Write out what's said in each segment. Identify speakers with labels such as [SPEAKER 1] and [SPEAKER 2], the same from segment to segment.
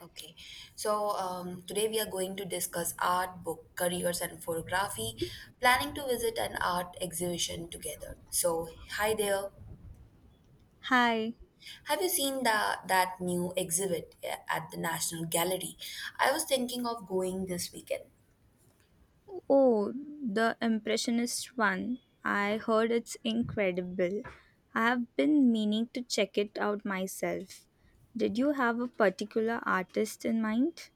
[SPEAKER 1] Okay, today we are going to discuss art, book, careers, and photography. Planning to visit an art exhibition together. So, hi there.
[SPEAKER 2] Hi.
[SPEAKER 1] Have you that new exhibit at the National Gallery? I was thinking of going this weekend.
[SPEAKER 2] Oh, the Impressionist one. I heard it's incredible. I have been meaning to check it out myself. Did you have a particular artist in mind?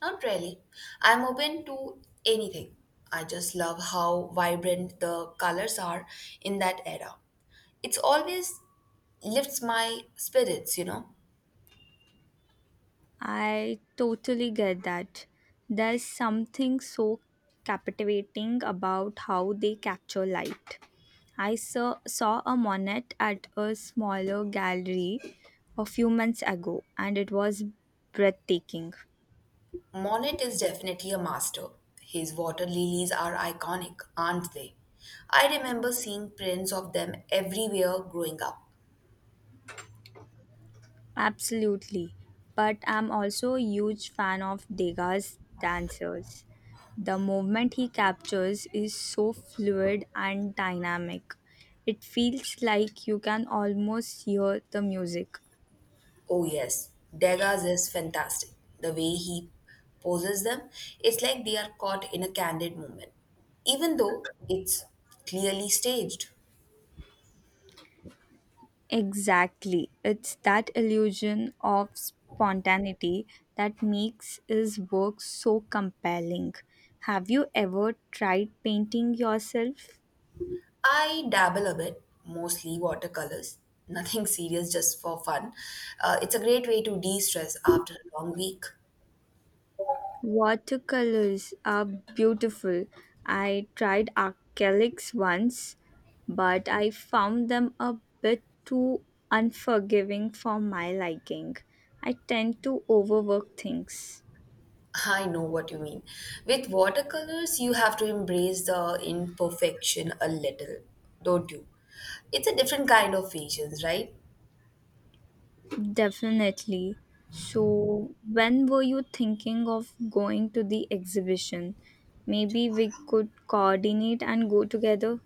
[SPEAKER 1] Not really. I'm open to anything. I just love how vibrant the colors are in that era. It's always lifts my spirits, you know.
[SPEAKER 2] I totally get that. There's something so captivating about how they capture light. I saw a Monet at a smaller gallery a few months ago, and it was breathtaking.
[SPEAKER 1] Monet is definitely a master. His water lilies are iconic, aren't they? I remember seeing prints of them everywhere growing up.
[SPEAKER 2] Absolutely. But I'm also a huge fan of Degas' dancers. The movement he captures is so fluid and dynamic. It feels like you can almost hear the music.
[SPEAKER 1] Oh, yes, Degas is fantastic. The way he poses them, it's like they are caught in a candid moment, even though it's clearly staged.
[SPEAKER 2] Exactly. It's that illusion of spontaneity that makes his work so compelling. Have you ever tried painting yourself?
[SPEAKER 1] I dabble a bit, mostly watercolors. Nothing serious, just for fun. It's a great way to de stress after a long week.
[SPEAKER 2] Watercolors are beautiful. I tried acrylics once, but I found them a bit too unforgiving for my liking. I tend to overwork things.
[SPEAKER 1] I know what you mean. With watercolors, you have to embrace the imperfection a little, don't you? It's a different kind of patience, right?
[SPEAKER 2] Definitely. So, when were you thinking of going to the exhibition? Maybe we could coordinate and go together.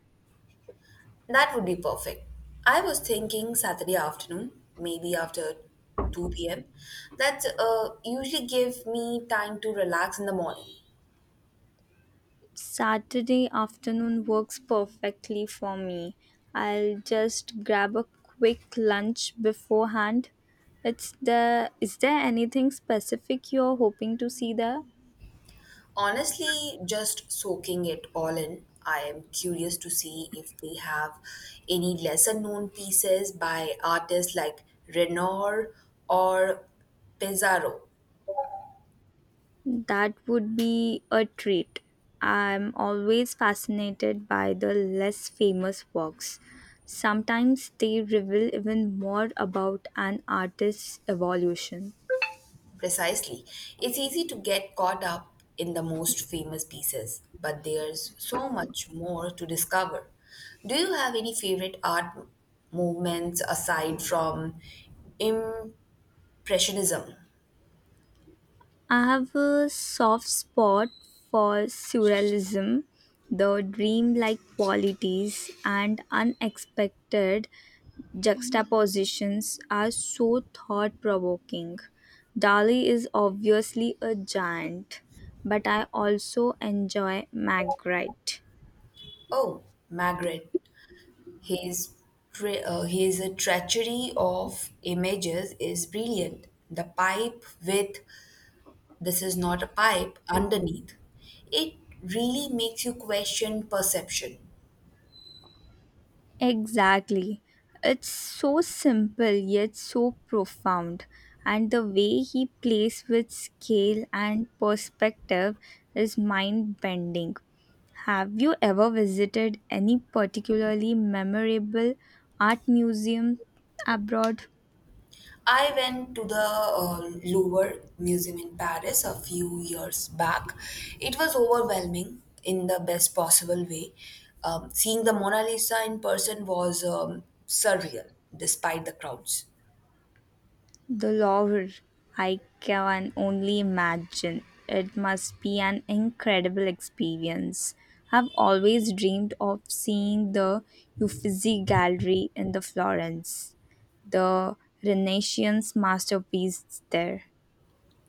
[SPEAKER 1] That would be perfect. I was thinking Saturday afternoon, maybe after 2 p.m. That usually give me time to relax in the morning.
[SPEAKER 2] Saturday afternoon works perfectly for me. I'll just grab a quick lunch beforehand. It's the is there anything specific you're hoping to see there?
[SPEAKER 1] Honestly, just soaking it all in. I am curious to see if they have any lesser known pieces by artists like Renoir or Pizarro.
[SPEAKER 2] That would be a treat. I'm always fascinated by the less famous works. Sometimes they reveal even more about an artist's evolution.
[SPEAKER 1] Precisely. It's easy to get caught up in the most famous pieces, but there's so much more to discover. Do you have any favorite art movements aside from Impressionism?
[SPEAKER 2] I have a soft spot for surrealism, the dreamlike qualities and unexpected juxtapositions are so thought provoking. Dali is obviously a giant, but I also enjoy Magritte.
[SPEAKER 1] Oh, Magritte. His, his treachery of images is brilliant. The pipe with this is not a pipe underneath. It really makes you question perception.
[SPEAKER 2] Exactly. It's so simple yet so profound. And the way he plays with scale and perspective is mind bending. Have you ever visited any particularly memorable art museum abroad?
[SPEAKER 1] I went to the Louvre Museum in Paris a few years back. It was overwhelming in the best possible way. Seeing the Mona Lisa in person was surreal despite the crowds.
[SPEAKER 2] The Louvre. I can only imagine. It must be an incredible experience. I've always dreamed of seeing the Uffizi Gallery in the Florence, the Renaissance masterpiece there.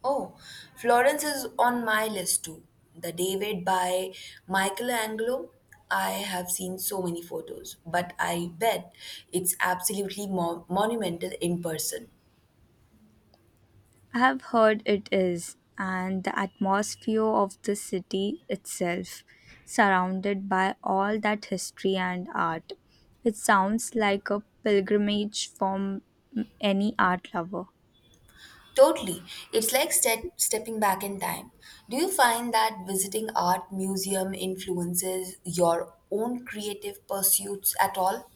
[SPEAKER 1] Oh, Florence is on my list too. The David by Michelangelo. I have seen so many photos, but I bet it's absolutely monumental in person.
[SPEAKER 2] I have heard it is, and the atmosphere of the city itself, surrounded by all that history and art. It sounds like a pilgrimage from any art lover.
[SPEAKER 1] Totally. It's like stepping back in time. Do you find that visiting art museum influences your own creative pursuits at all?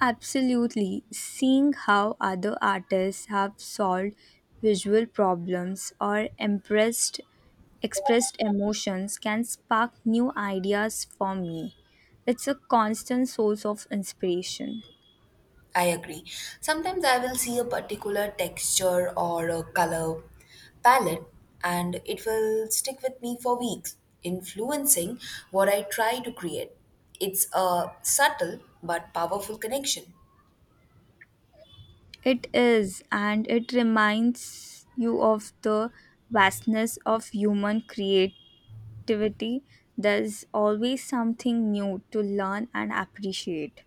[SPEAKER 2] Absolutely, seeing how other artists have solved visual problems or impressed expressed emotions can spark new ideas for me. It's a constant source of inspiration.
[SPEAKER 1] I agree. Sometimes I will see a particular texture or a color palette and it will stick with me for weeks, influencing what I try to create. It's a subtle but powerful connection.
[SPEAKER 2] It is, and it reminds you of the vastness of human creativity. There's always something new to learn and appreciate.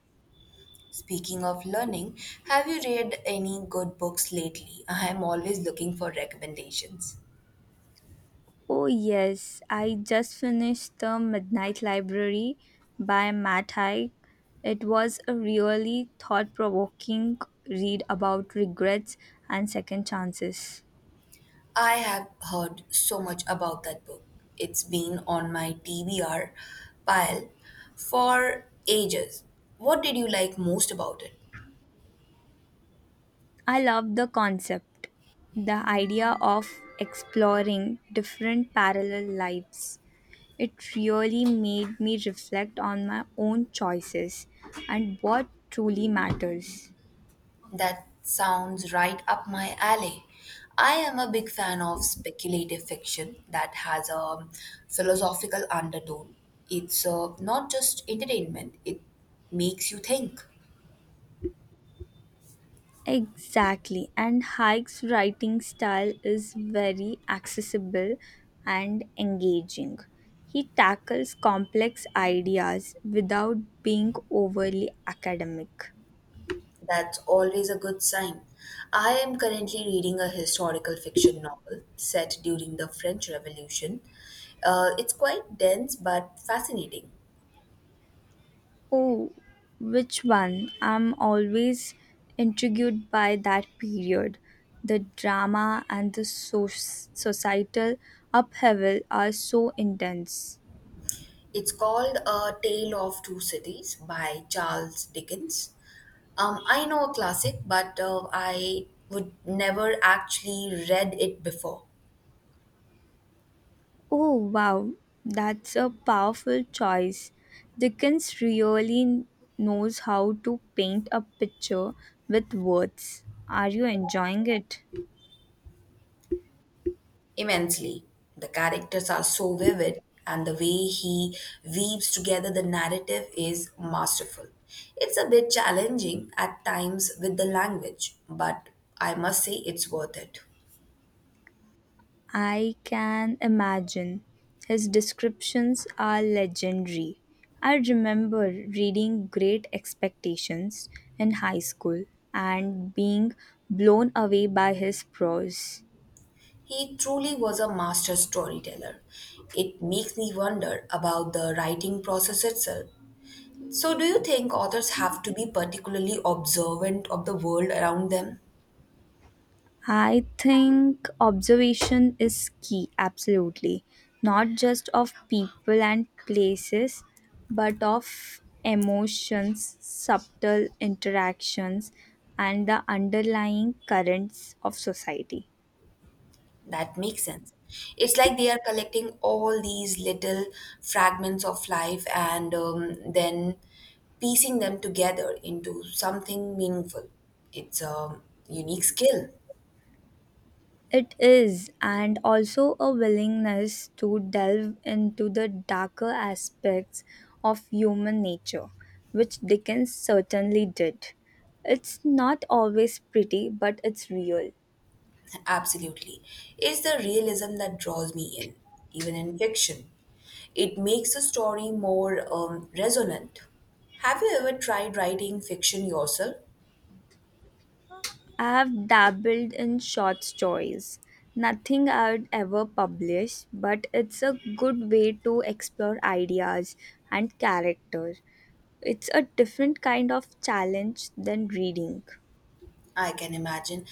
[SPEAKER 1] Speaking of learning, have you read any good books lately? I am always looking for recommendations.
[SPEAKER 2] Oh, yes, I just finished The Midnight Library by Matt Haig. It was a really thought provoking read about regrets and second chances.
[SPEAKER 1] I have heard so much about that book. It's been on my TBR pile for ages. What did you like most about it?
[SPEAKER 2] I love the concept, the idea of exploring different parallel lives. It really made me reflect on my own choices and what truly matters.
[SPEAKER 1] That sounds right up my alley. I am a big fan of speculative fiction that has a philosophical undertone. It's not just entertainment, it makes you think.
[SPEAKER 2] Exactly, and Hike's writing style is very accessible and engaging. He tackles complex ideas without being overly academic.
[SPEAKER 1] That's always a good sign. I am currently reading a historical fiction novel set during the French Revolution. It's quite dense but fascinating.
[SPEAKER 2] Oh, which one? I'm always intrigued by that period. The drama and the societal upheaval are so intense.
[SPEAKER 1] It's called A Tale of Two Cities by Charles Dickens. I know a classic, but I would never actually read it before.
[SPEAKER 2] Oh, wow, that's a powerful choice. Dickens really knows how to paint a picture with words. Are you enjoying it?
[SPEAKER 1] Immensely. The characters are so vivid, and the way he weaves together the narrative is masterful. It's a bit challenging at times with the language, but I must say it's worth it.
[SPEAKER 2] I can imagine. His descriptions are legendary. I remember reading Great Expectations in high school and being blown away by his prose.
[SPEAKER 1] He truly was a master storyteller. It makes me wonder about the writing process itself. So, do you think authors have to be particularly observant of the world around them?
[SPEAKER 2] I think observation is key, absolutely. Not just of people and places, but of emotions, subtle interactions, and the underlying currents of society.
[SPEAKER 1] That makes sense. It's like they are collecting all these little fragments of life and then piecing them together into something meaningful. It's a unique skill,
[SPEAKER 2] It is, and also a willingness to delve into the darker aspects of human nature, which Dickens certainly did. It's not always pretty, but it's real.
[SPEAKER 1] absolutely. It's the realism that draws me in, even in fiction. It makes the story more resonant. Have you ever tried writing fiction yourself?
[SPEAKER 2] I have dabbled in short stories, nothing I would ever publish, but it's a good way to explore ideas and character. It's a different kind of challenge than reading.
[SPEAKER 1] I can imagine.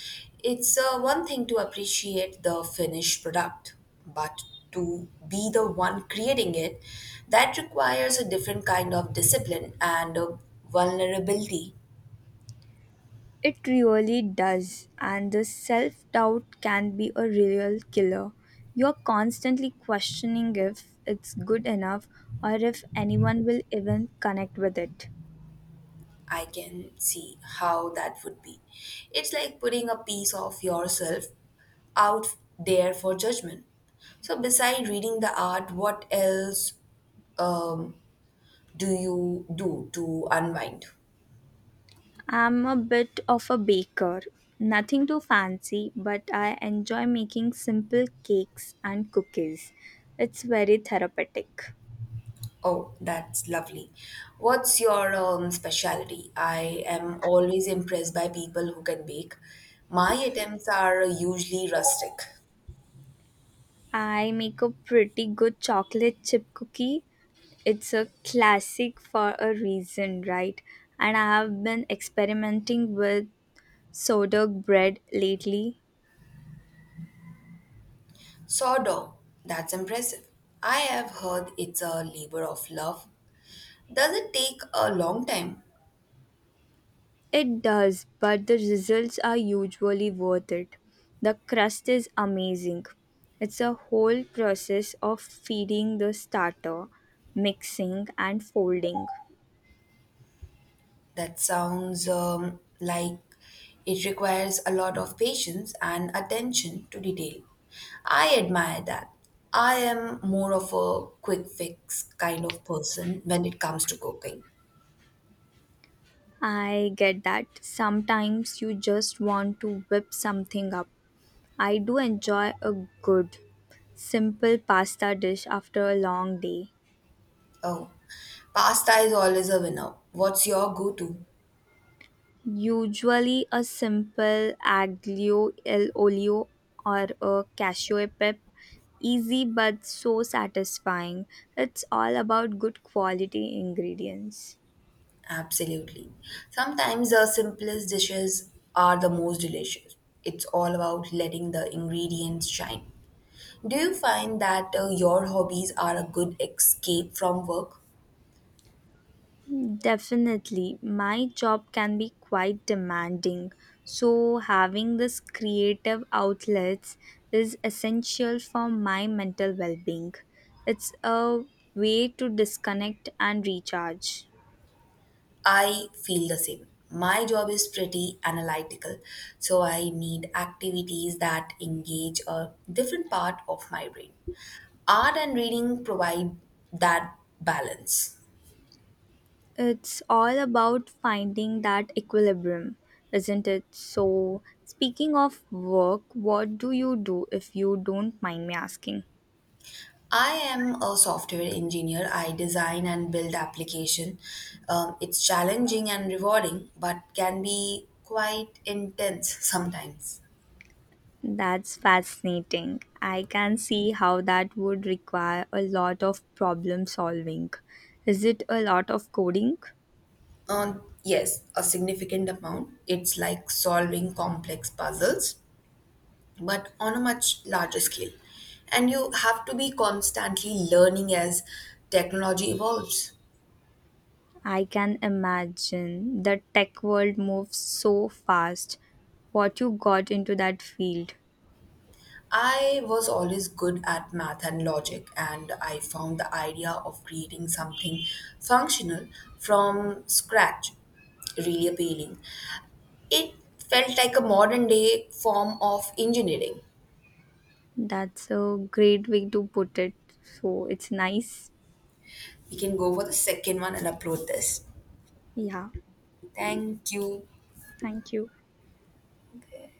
[SPEAKER 1] It's one thing to appreciate the finished product, but to be the one creating it, that requires a different kind of discipline and vulnerability.
[SPEAKER 2] It really does, and the self doubt can be a real killer. You're constantly questioning if it's good enough or if anyone will even connect with it.
[SPEAKER 1] I can see how that would be. It's like putting a piece of yourself out there for judgment. So, beside reading the art, what else um, do you do to unwind?
[SPEAKER 2] I'm a bit of a baker. Nothing too fancy, but I enjoy making simple cakes and cookies. It's very therapeutic.
[SPEAKER 1] Oh, that's lovely. What's your specialty? I am always impressed by people who can bake. My attempts are usually rustic.
[SPEAKER 2] I make a pretty good chocolate chip cookie. It's a classic for a reason, right? And I have been experimenting with sourdough bread lately.
[SPEAKER 1] Sourdough, that's impressive. I have heard it's a labor of love. Does it take a long time?
[SPEAKER 2] It does, but the results are usually worth it. The crust is amazing. It's a whole process of feeding the starter, mixing, and folding.
[SPEAKER 1] That sounds like it requires a lot of patience and attention to detail. I admire that. I am more of a quick fix kind of person when it comes to cooking.
[SPEAKER 2] I get that. Sometimes you just want to whip something up. I do enjoy a good, simple pasta dish after a long day.
[SPEAKER 1] Oh, pasta is always a winner. What's your go to?
[SPEAKER 2] Usually a simple aglio e olio or a cashew pep. Easy but so satisfying. It's all about good quality ingredients.
[SPEAKER 1] Absolutely. Sometimes the simplest dishes are the most delicious. It's all about letting the ingredients shine. Do you find that your hobbies are a good escape from work?
[SPEAKER 2] Definitely. My job can be quite demanding. So, having this creative outlets is essential for my mental well being. It's a way to disconnect and recharge.
[SPEAKER 1] I feel the same. My job is pretty analytical, so I need activities that engage a different part of my brain. Art and reading provide that balance.
[SPEAKER 2] It's all about finding that equilibrium, isn't it? So, speaking of work, what do you do if you don't mind me asking?
[SPEAKER 1] I am a software engineer. I design and build application. It's challenging and rewarding, but can be quite intense sometimes.
[SPEAKER 2] That's fascinating. I can see how that would require a lot of problem solving. Is it a lot of coding?
[SPEAKER 1] Yes, a significant amount. It's like solving complex puzzles but on a much larger scale. And you have to be constantly learning as technology evolves.
[SPEAKER 2] I can imagine the tech world moves so fast. What you got into that field?
[SPEAKER 1] I was always good at math and logic, and I found the idea of creating something functional from scratch really appealing. It felt like a modern day form of engineering.
[SPEAKER 2] That's a great way to put it. So it's nice.
[SPEAKER 1] We can go for the second one and upload this.
[SPEAKER 2] Yeah.
[SPEAKER 1] Thank you.
[SPEAKER 2] Thank you.
[SPEAKER 1] Okay.